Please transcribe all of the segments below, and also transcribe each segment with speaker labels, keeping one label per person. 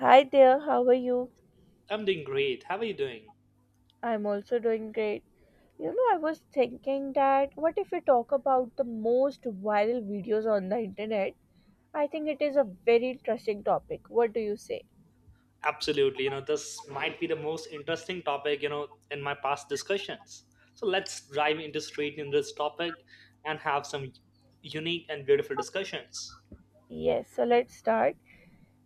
Speaker 1: Hi there, how are you?
Speaker 2: I'm doing great. How are you doing?
Speaker 1: I'm also doing great. You know, I was thinking that what if we talk about the most viral videos on the internet? I think it is a very interesting topic. What do you say?
Speaker 2: Absolutely. This might be the most interesting topic, in my past discussions. So let's dive into straight in this topic and have some unique and beautiful discussions.
Speaker 1: Yes, so let's start.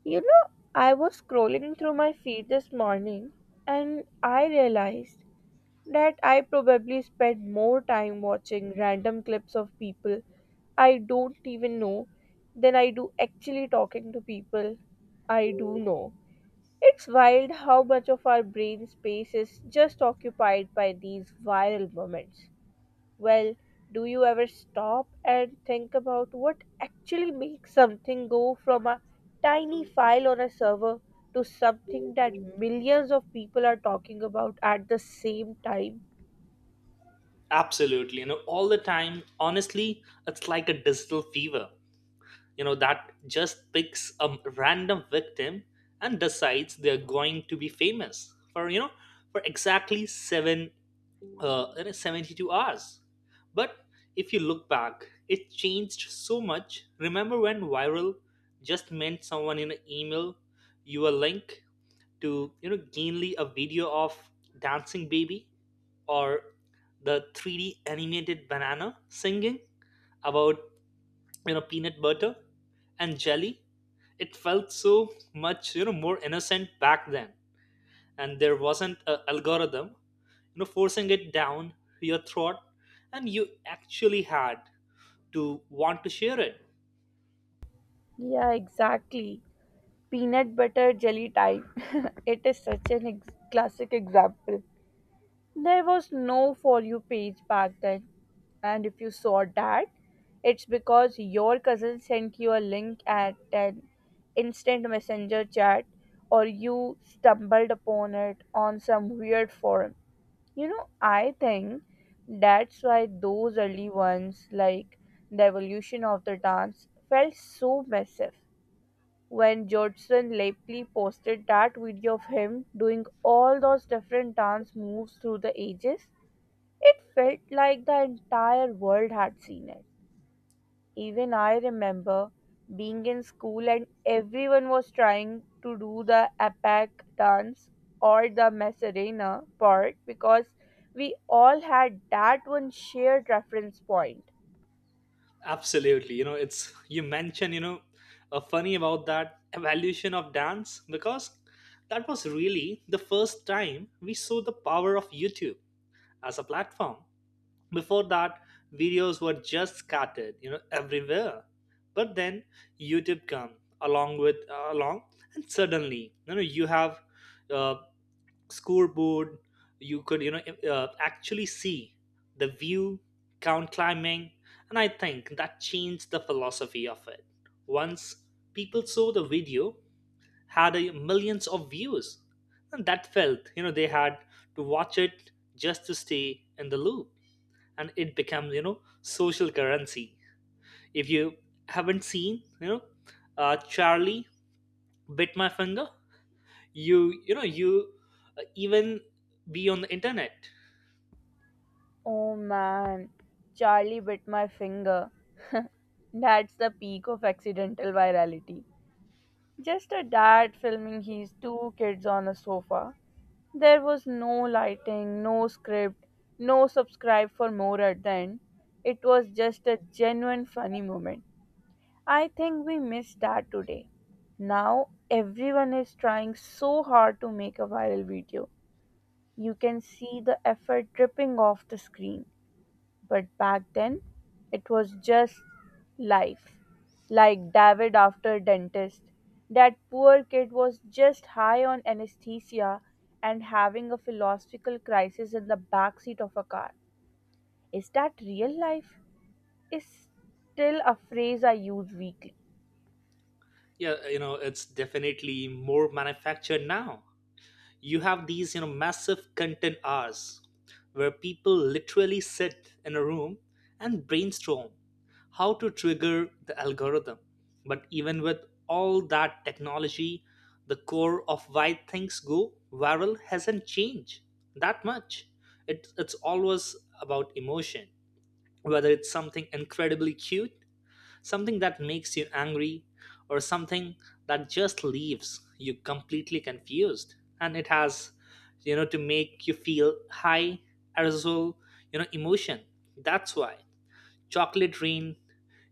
Speaker 1: You know, I was scrolling through my feed this morning and I realized that I probably spent more time watching random clips of people I don't even know than I do actually talking to people I do know. It's wild how much of our brain space is just occupied by these viral moments. Well, do you ever stop and think about what actually makes something go from a tiny file on a server to something that millions of people are talking about at the same time?
Speaker 2: Absolutely. All the time, honestly, it's like a digital fever, that just picks a random victim and decides they're going to be famous for exactly seven in 72 hours. But if you look back, it changed so much. Remember when viral just meant someone in an email you a link to, gainly a video of dancing baby or the 3D animated banana singing about, peanut butter and jelly. It felt so much, more innocent back then. And there wasn't an algorithm forcing it down your throat, and you actually had to want to share it.
Speaker 1: Yeah, exactly. Peanut butter jelly time. It is such an classic example. There was no For You page back then, and if you saw that, it's because your cousin sent you a link at an instant messenger chat or you stumbled upon it on some weird forum. You know, I think that's why those early ones, like the evolution of the dance, felt so massive. When Jodson Lepley posted that video of him doing all those different dance moves through the ages, it felt like the entire world had seen it. Even I remember being in school and everyone was trying to do the apak dance or the Macarena part because we all had that one shared reference point.
Speaker 2: Absolutely. You mentioned funny about that evolution of dance because that was really the first time we saw the power of YouTube as a platform. Before that, videos were just scattered everywhere, but then YouTube come along with along and suddenly you have uh, scoreboard. You could actually see the view count climbing. And I think that changed the philosophy of it. Once people saw the video had a millions of views, and that felt they had to watch it just to stay in the loop. And it becomes social currency. If you haven't seen Charlie bit my finger, you even be on the internet.
Speaker 1: Oh man, Charlie bit my finger. That's the peak of accidental virality. Just a dad filming his two kids on a sofa. There was no lighting, no script, no subscribe for more at the end. It was just a genuine funny moment. I think we miss that today. Now everyone is trying so hard to make a viral video. You can see the effort dripping off the screen. But back then, it was just life. Like David after dentist. That poor kid was just high on anesthesia and having a philosophical crisis in the backseat of a car. Is that real life? Is still a phrase I use weekly.
Speaker 2: Yeah, it's definitely more manufactured now. You have these massive content hours where people literally sit in a room and brainstorm how to trigger the algorithm. But even with all that technology, the core of why things go viral hasn't changed that much. It's always about emotion, whether it's something incredibly cute, something that makes you angry, or something that just leaves you completely confused. And it has to make you feel high arousal, emotion. That's why chocolate rain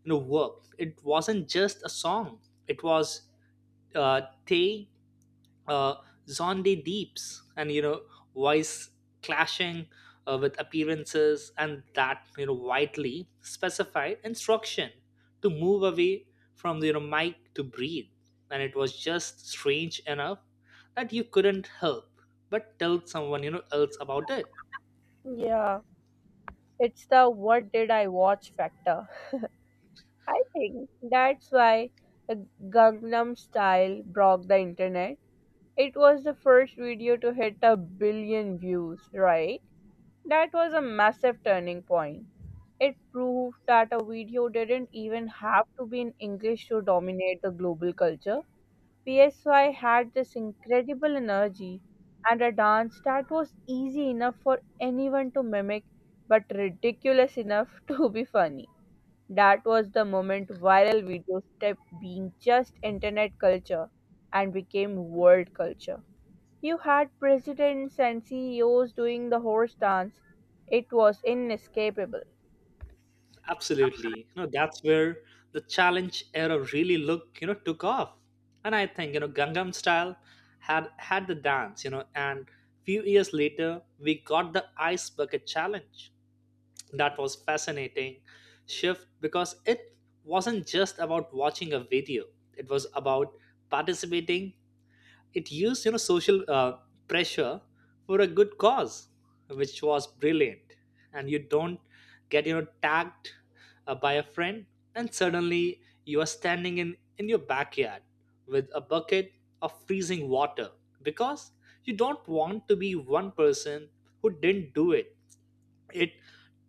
Speaker 2: worked. It wasn't just a song, it was uh, tea, uh, Zonde Deeps, and voice clashing with appearances, and that widely specified instruction to move away from the mic to breathe. And it was just strange enough that you couldn't help but tell someone else about it.
Speaker 1: Yeah, it's the what did I watch factor. I think that's why the Gangnam style broke the internet. It was the first video to hit a billion views, right? That was a massive turning point. It proved that a video didn't even have to be in English to dominate the global culture. PSY had this incredible energy and a dance that was easy enough for anyone to mimic but ridiculous enough to be funny. That was the moment viral videos kept being just internet culture and became world culture. You had presidents and CEOs doing the horse dance. It was inescapable.
Speaker 2: Absolutely. That's where the challenge era really took off. And I think, Gangnam Style had the dance, and few years later we got the ice bucket challenge. That was fascinating shift because it wasn't just about watching a video. It was about participating. It used social pressure for a good cause, which was brilliant. And you don't get tagged by a friend, and suddenly you are standing in your backyard with a bucket of freezing water because you don't want to be one person who didn't do it. It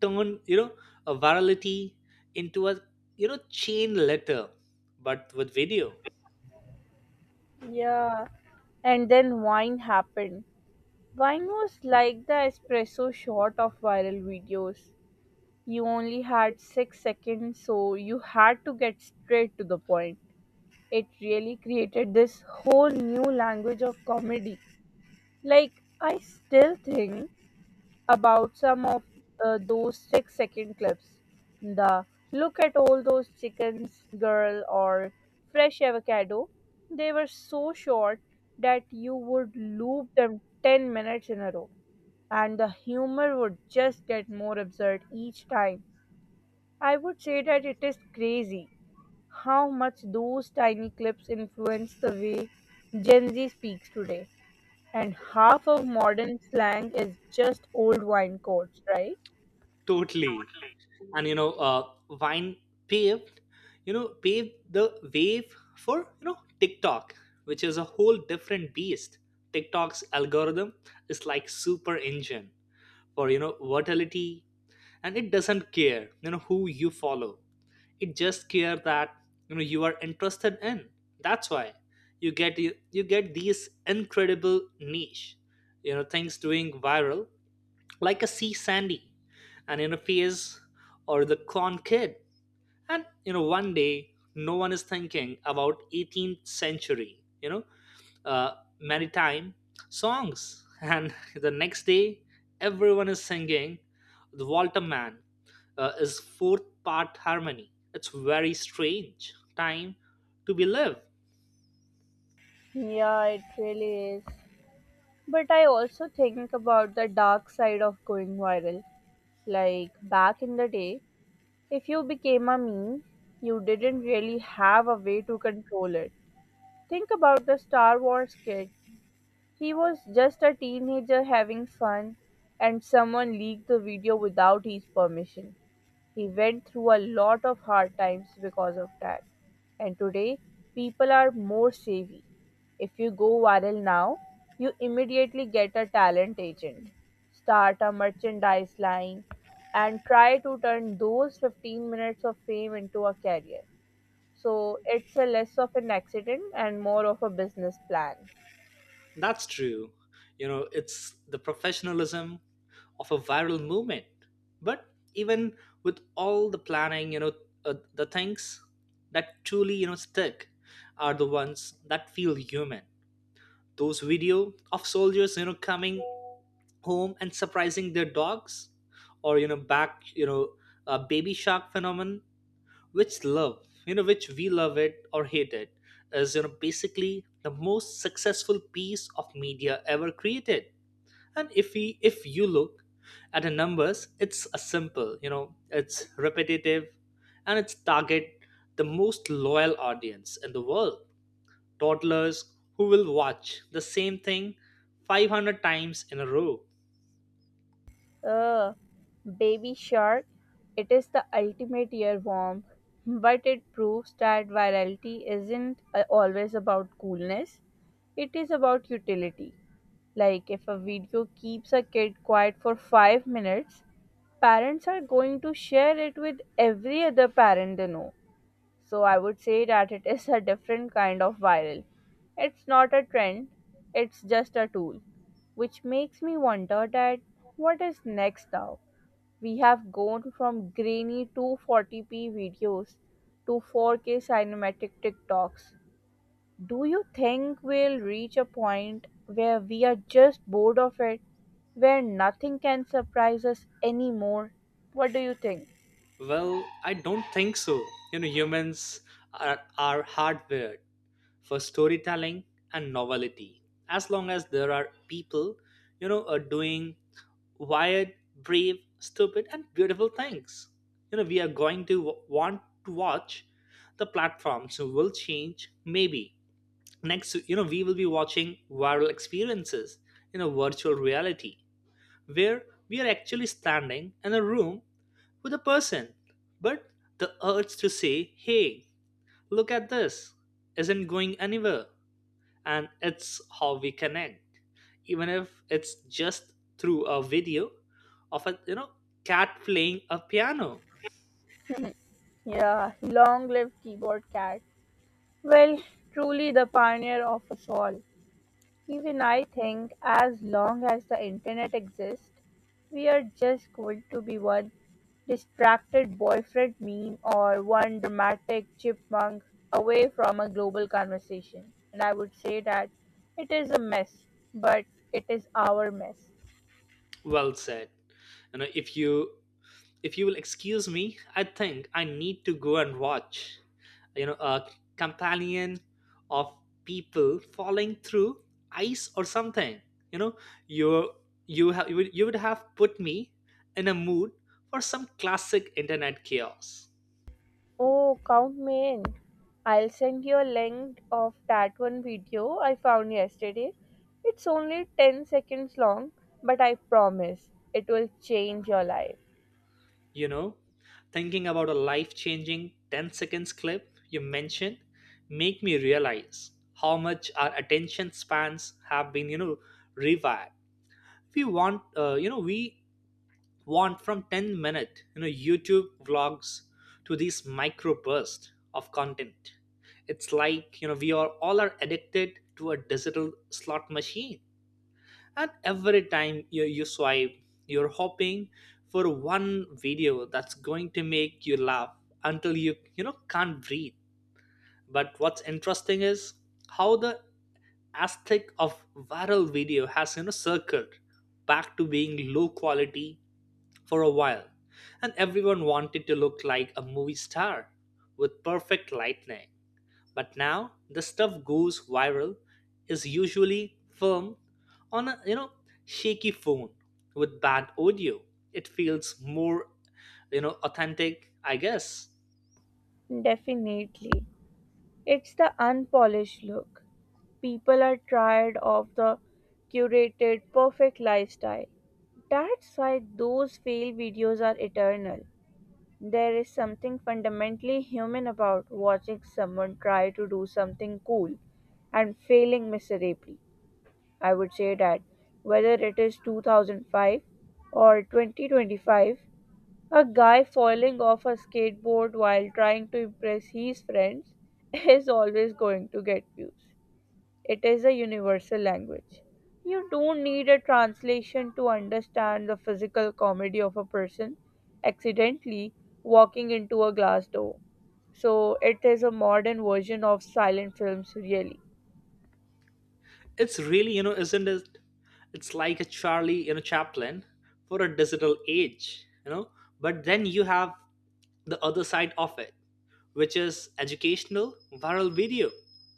Speaker 2: turned a virality into a chain letter, but with video.
Speaker 1: Yeah, and then wine happened. Vine was like the espresso shot of viral videos. You only had 6 seconds, so you had to get straight to the point. It really created this whole new language of comedy. Like, I still think about some of those 6 second clips. The look at all those chickens, girl, or fresh avocado. They were so short that you would loop them 10 minutes in a row, and the humor would just get more absurd each time. I would say that it is crazy how much those tiny clips influence the way Gen Z speaks today. And half of modern slang is just old wine codes, right?
Speaker 2: Totally. And wine paved paved the wave for TikTok, which is a whole different beast. TikTok's algorithm is like super engine for volatility, and it doesn't care who you follow. It just care that you are interested in. That's why you get you get these incredible niche things doing viral, like a sea sandy and in a phase or the corn kid. And one day no one is thinking about 18th century uh, maritime songs, and the next day everyone is singing the walter man is fourth part harmony. It's very strange time to be lived.
Speaker 1: Yeah, it really is. But I also think about the dark side of going viral. Like back in the day, if you became a meme, you didn't really have a way to control it. Think about the Star Wars kid. He was just a teenager having fun and someone leaked the video without his permission. He went through a lot of hard times because of that. And today, people are more savvy. If you go viral now, you immediately get a talent agent, start a merchandise line, and try to turn those 15 minutes of fame into a career. So it's a less of an accident and more of a business plan.
Speaker 2: That's true. It's the professionalism of a viral movement. But even with all the planning, the things that truly stick are the ones that feel human. Those video of soldiers coming home and surprising their dogs, or you know back you know a baby shark phenomenon, which love you know which we love it or hate it, is basically the most successful piece of media ever created. And if you look at the numbers, it's a simple, it's repetitive, and it's target the most loyal audience in the world: toddlers who will watch the same thing 500 times in a row.
Speaker 1: Uh, baby shark, it is the ultimate earworm, but it proves that virality isn't always about coolness, it is about utility. Like, if a video keeps a kid quiet for 5 minutes, parents are going to share it with every other parent they know. So, I would say that it is a different kind of viral. It's not a trend, it's just a tool, which makes me wonder that what is next now? We have gone from grainy 240p videos to 4K cinematic TikToks. Do you think we'll reach a point where we are just bored of it, where nothing can surprise us anymore? What do you think?
Speaker 2: Well, I don't think so. Humans are hardwired for storytelling and novelty. As long as there are people are doing wired, brave, stupid, and beautiful things. You know, we are going to want to watch. The platforms will change maybe. Next, we will be watching viral experiences in a virtual reality where we are actually standing in a room with a person. But the urge to say, hey, look at this, isn't going anywhere. And it's how we connect, even if it's just through a video of a cat playing a piano.
Speaker 1: Yeah, long live keyboard cat. Well, truly the pioneer of us all. Even I think as long as the internet exists, we are just going to be one distracted boyfriend meme or one dramatic chipmunk away from a global conversation. And I would say that it is a mess, but it is our mess.
Speaker 2: Well said. you know if you if you will excuse me, I think I need to go and watch a companion of people falling through ice or something. you know you you would have put me in a mood for some classic internet chaos.
Speaker 1: Oh, count me in. I'll send you a link of that one video I found yesterday. It's only 10 seconds long, but I promise it will change your life.
Speaker 2: you know Thinking about a life-changing 10 seconds clip you mentioned make me realize how much our attention spans have been rewired. We want we want from 10 minute YouTube vlogs to these micro bursts of content. It's like we are all are addicted to a digital slot machine, and every time you swipe, you're hoping for one video that's going to make you laugh until you know can't breathe. But what's interesting is how the aesthetic of viral video has circled back to being low quality. For a while, and everyone wanted to look like a movie star with perfect lightning, but now the stuff goes viral is usually filmed on a shaky phone with bad audio. It feels more authentic, I guess.
Speaker 1: Definitely. It's the unpolished look. People are tired of the curated, perfect lifestyle. That's why those fail videos are eternal. There is something fundamentally human about watching someone try to do something cool and failing miserably. I would say that whether it is 2005 or 2025, a guy falling off a skateboard while trying to impress his friends is always going to get views. It is a universal language. You don't need a translation to understand the physical comedy of a person accidentally walking into a glass door. So, it is a modern version of silent films, really.
Speaker 2: It's really, isn't it? It's like a Charlie, Chaplin for a digital age, you know. But then you have the other side of it, which is educational viral video.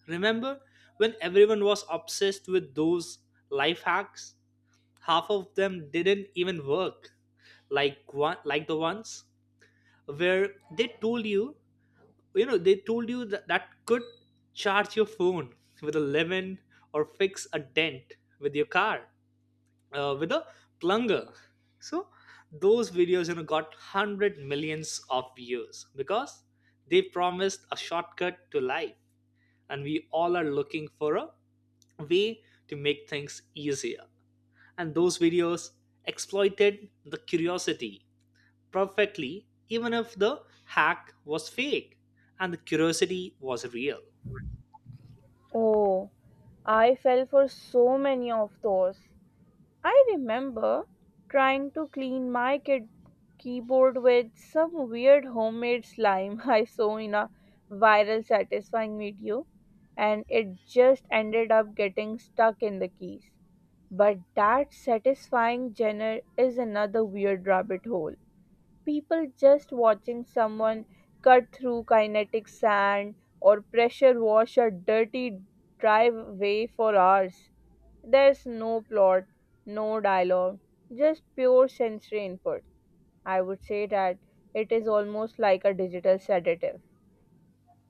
Speaker 2: Remember when everyone was obsessed with those life hacks? Half of them didn't even work, like the ones where they told you they told you that could charge your phone with a lemon or fix a dent with your car with a plunger. So those videos got 100 millions of views because they promised a shortcut to life, and we all are looking for a way to make things easier. And those videos exploited the curiosity perfectly, even if the hack was fake and the curiosity was real.
Speaker 1: Oh, I fell for so many of those. I remember trying to clean my kid keyboard with some weird homemade slime I saw in a viral satisfying video and it just ended up getting stuck in the keys. But that satisfying genre is another weird rabbit hole. People just watching someone cut through kinetic sand or pressure wash a dirty driveway for hours. There's no plot, no dialogue, just pure sensory input. I would say that it is almost like a digital sedative.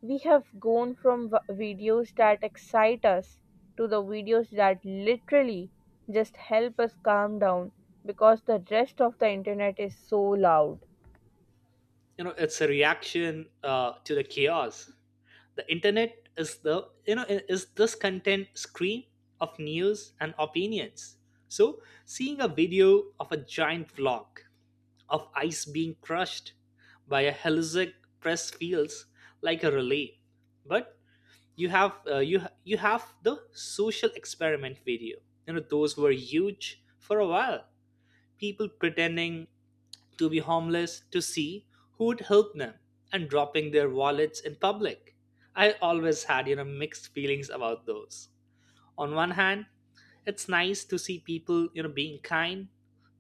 Speaker 1: We have gone from videos that excite us to the videos that literally just help us calm down because the rest of the internet is so loud.
Speaker 2: It's a reaction to the chaos. The internet is the, is this content screen of news and opinions. So seeing a video of a giant block of ice being crushed by a Helisic press feels like a relief. But you have you have the social experiment video. Those were huge for a while, people pretending to be homeless to see who would help them and dropping their wallets in public. I always had mixed feelings about those. On one hand, it's nice to see people being kind,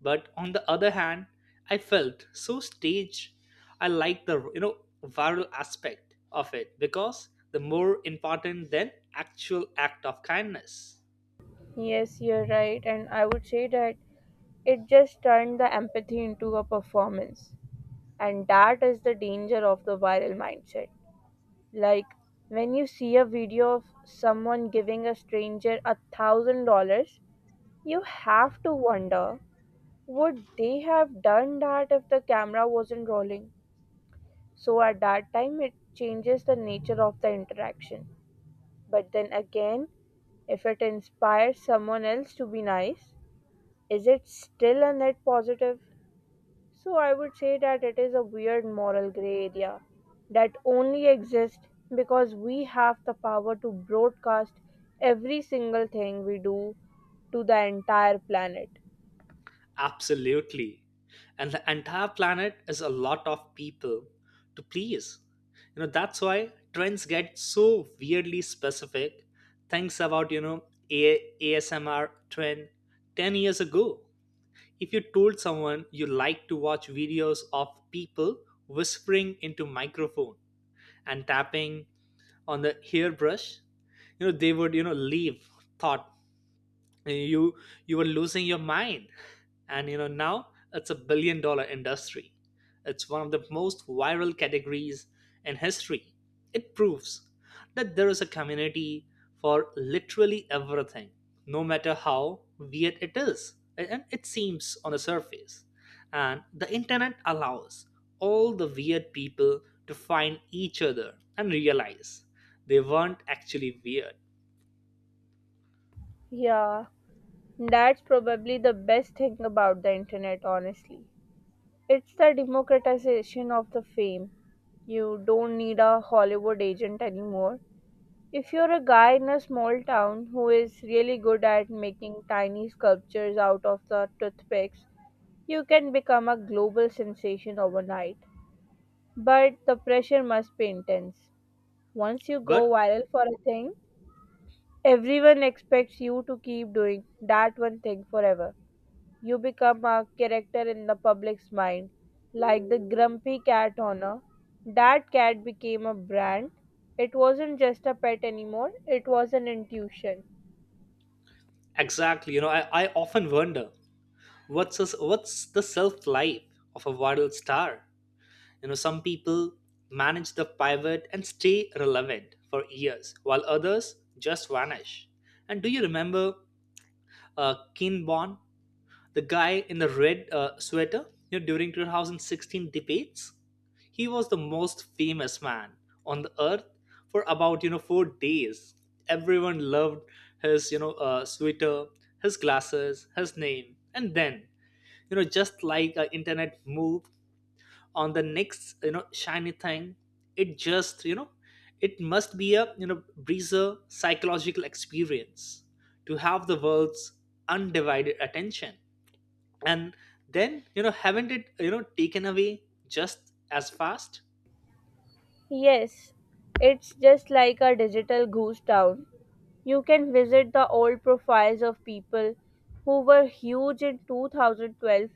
Speaker 2: but on the other hand, I felt so staged. I like the viral aspect of it because the more important than actual act of kindness.
Speaker 1: Yes, you're right. And I would say that it just turned the empathy into a performance. And that is the danger of the viral mindset. Like when you see a video of someone giving a stranger $1,000, you have to wonder would they have done that if the camera wasn't rolling? So at that time, it changes the nature of the interaction. But then again, if it inspires someone else to be nice, is it still a net positive? So I would say that it is a weird moral gray area that only exists because we have the power to broadcast every single thing we do to the entire planet.
Speaker 2: Absolutely. And the entire planet is a lot of people to please. That's why trends get so weirdly specific things about ASMR trend 10 years ago. If you told someone you like to watch videos of people whispering into microphone and tapping on the hairbrush, they would leave thought you you were losing your mind. And now it's a billion dollar industry. It's one of the most viral categories in history. It proves that there is a community for literally everything, no matter how weird it is and it seems on the surface. And the internet allows all the weird people to find each other and realize they weren't actually weird.
Speaker 1: Yeah, that's probably the best thing about the internet, honestly. It's the democratization of the fame. You don't need a Hollywood agent anymore. If you're a guy in a small town who is really good at making tiny sculptures out of the toothpicks, you can become a global sensation overnight. But the pressure must be intense. Once you go
Speaker 2: But
Speaker 1: viral for a thing, everyone expects you to keep doing that one thing forever. You become a character in the public's mind, like the grumpy cat owner. That cat became a brand. It wasn't just a pet anymore, it was an intuition.
Speaker 2: exactly. I often wonder what's the self life of a viral star. You know, some people manage the pivot and stay relevant for years, while others just vanish. And do you remember Ken Bon? The guy in the red sweater during 2016 debates. He was the most famous man on the earth for about 4 days. Everyone loved his sweater, his glasses, his name, and then just like internet moved on the next shiny thing. It just it must be a breezer psychological experience to have the world's undivided attention and then haven't it taken away just as fast.
Speaker 1: Yes, it's just like a digital ghost town. You can visit the old profiles of people who were huge in 2012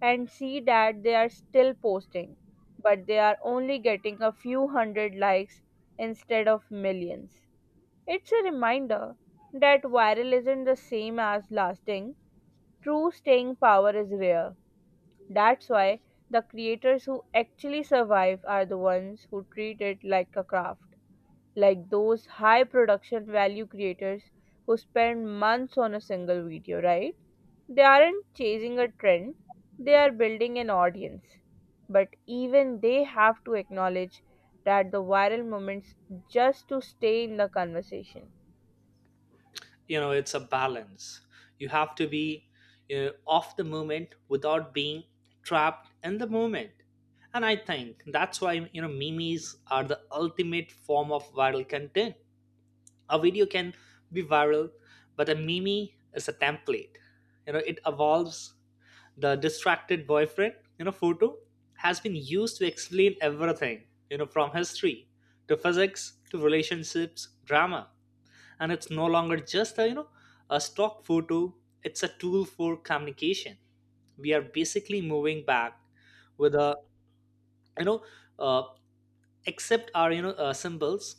Speaker 1: and see that they are still posting, but they are only getting a few hundred likes instead of millions. It's a reminder that viral isn't the same as lasting. True staying power is rare. That's why the creators who actually survive are the ones who treat it like a craft, like those high production value creators who spend months on a single video, right? They aren't chasing a trend, they are building an audience. But even they have to acknowledge that the viral moments just to stay in the conversation.
Speaker 2: It's a balance. You have to be off the moment without being trapped in the moment. And I think that's why memes are the ultimate form of viral content. A video can be viral, but a meme is a template. It evolves. The distracted boyfriend photo has been used to explain everything, from history to physics to relationships drama. And it's no longer just a a stock photo, it's a tool for communication. We are basically moving back with a you know uh, except our symbols,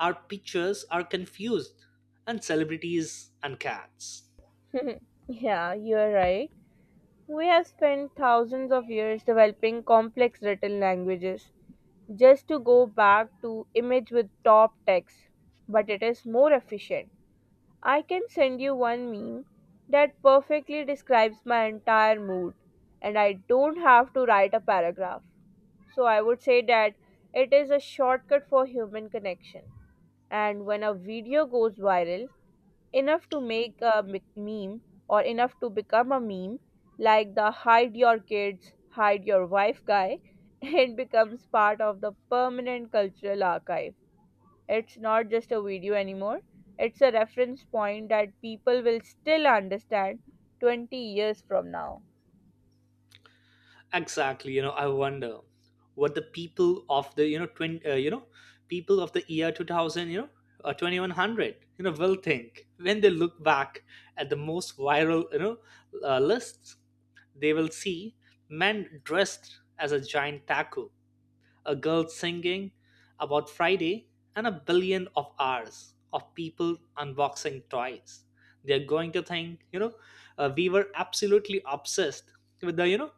Speaker 2: our pictures are confused, and celebrities and cats.
Speaker 1: Yeah, you're right. We have spent thousands of years developing complex written languages just to go back to image with top text, but it is more efficient. I can send you one meme that perfectly describes my entire mood, and I don't have to write a paragraph. So I would say that it is a shortcut for human connection. And when a video goes viral, enough to make a meme or enough to become a meme, like the hide your kids, hide your wife guy, it becomes part of the permanent cultural archive. It's not just a video anymore, it's a reference point that people will still understand 20 years from now.
Speaker 2: Exactly, I wonder what the people of the you know twin you know people of the year 2000 2100 will think when they look back at the most viral lists. They will see men dressed as a giant taco, a girl singing about Friday, and a billion of hours of people unboxing toys. They're going to think, we were absolutely obsessed with the, you know,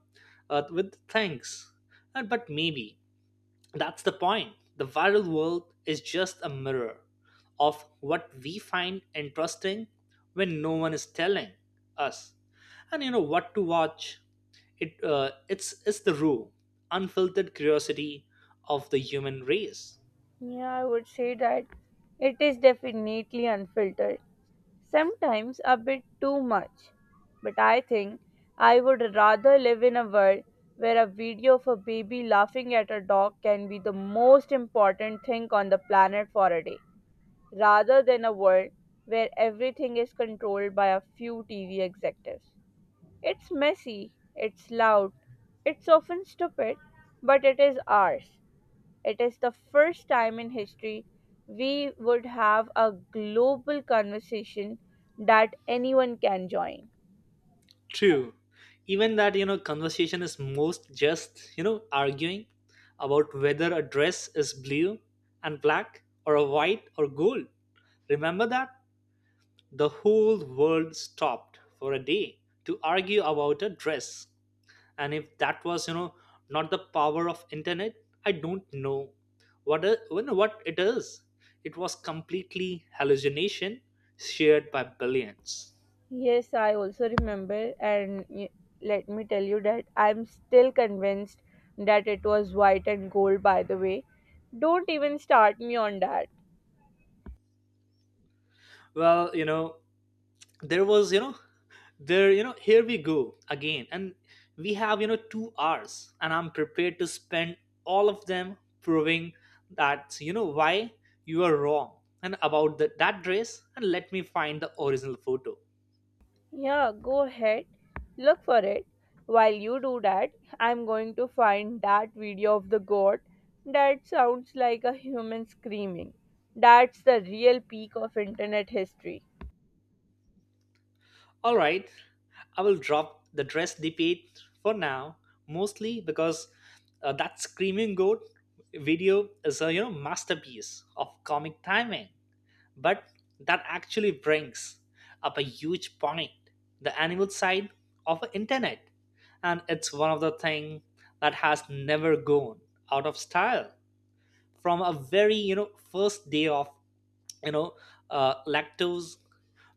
Speaker 2: uh, with things. But maybe that's the point. The viral world is just a mirror of what we find interesting when no one is telling us. And what to watch, it's the raw, unfiltered curiosity of the human race.
Speaker 1: Yeah, I would say that it is definitely unfiltered, sometimes a bit too much. But I think I would rather live in a world where a video of a baby laughing at a dog can be the most important thing on the planet for a day, rather than a world where everything is controlled by a few TV executives. It's messy, it's loud, it's often stupid, but it is ours. It is the first time in history we would have a global conversation that anyone can join.
Speaker 2: True, even that conversation is most just arguing about whether a dress is blue and black or a white or gold. Remember that the whole world stopped for a day to argue about a dress. And if that was not the power of internet, I don't know what it is. It was completely hallucination shared by billions.
Speaker 1: Yes, I also remember, and let me tell you that I'm still convinced that it was white and gold, by the way. Don't even start me on that.
Speaker 2: Well, there was you know there you know here we go again, and we have 2 hours and I'm prepared to spend all of them proving that why you are wrong, and about that dress, and let me find the original photo.
Speaker 1: Yeah, go ahead. Look for it. While you do that, I'm going to find that video of the goat that sounds like a human screaming. That's the real peak of internet history.
Speaker 2: All right, I will drop the dress debate for now, mostly because that screaming goat video is a masterpiece of comic timing. But that actually brings up a huge point: the animal side of the internet, and it's one of the things that has never gone out of style. From a very first day of you know lactose,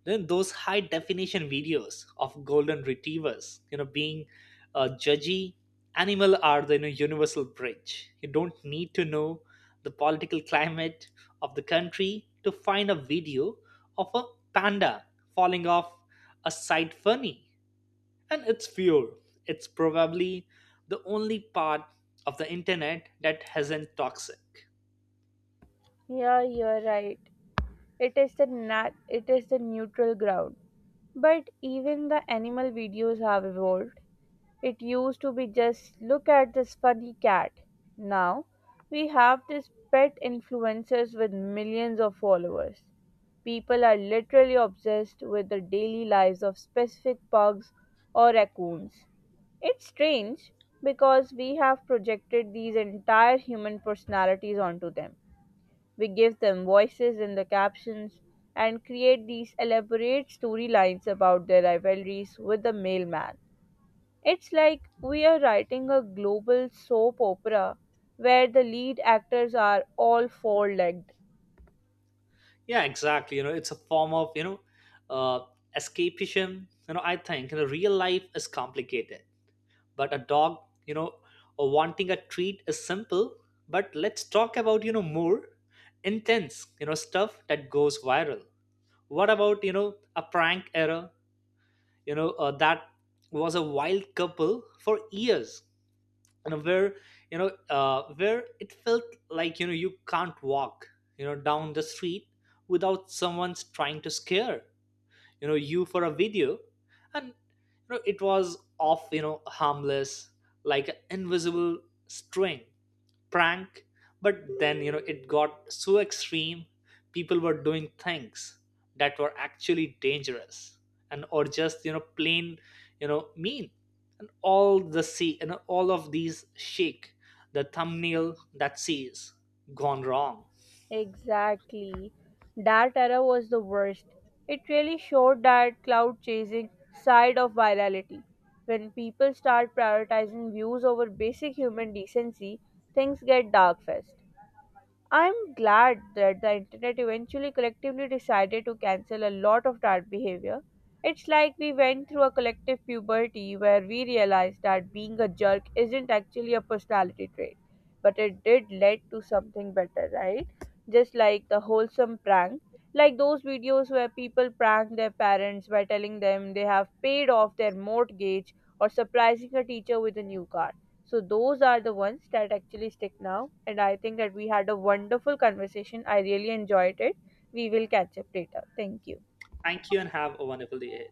Speaker 2: then those high definition videos of golden retrievers being judgy, animal are the universal bridge. You don't need to know the political climate of the country to find a video of a panda falling off a site funny, and it's pure. It's probably the only part of the internet that hasn't toxic.
Speaker 1: Yeah, you're right. It is the neutral ground. But even the animal videos have evolved. It used to be just look at this funny cat. Now we have these pet influencers with millions of followers. People are literally obsessed with the daily lives of specific pugs or raccoons. It's strange because we have projected these entire human personalities onto them. We give them voices in the captions and create these elaborate storylines about their rivalries with the mailman. It's like we are writing a global soap opera where the lead actors are all four legged.
Speaker 2: Yeah, exactly, it's a form of uh, escapism. I think real life is complicated, but a dog you know wanting a treat is simple. But let's talk about more intense stuff that goes viral. What about a prank error, that was a wild couple for years, where where it felt like you can't walk down the street without someone's trying to scare you for a video. And it was off harmless, like an invisible string prank. But then it got so extreme, people were doing things that were actually dangerous, and or just plain mean. And all the see and all of these shake the thumbnail that says gone wrong.
Speaker 1: Exactly. That era was the worst. It really showed that cloud chasing side of virality. When people start prioritizing views over basic human decency, things get dark fast. I'm glad that the internet eventually collectively decided to cancel a lot of that behavior. It's like we went through a collective puberty where we realized that being a jerk isn't actually a personality trait, but it did lead to something better, right? Just like the wholesome prank, like those videos where people prank their parents by telling them they have paid off their mortgage or surprising a teacher with a new car. So those are the ones that actually stick now. And I think that we had a wonderful conversation. I really enjoyed it. We will catch up later. Thank you.
Speaker 2: Thank you and have a wonderful day.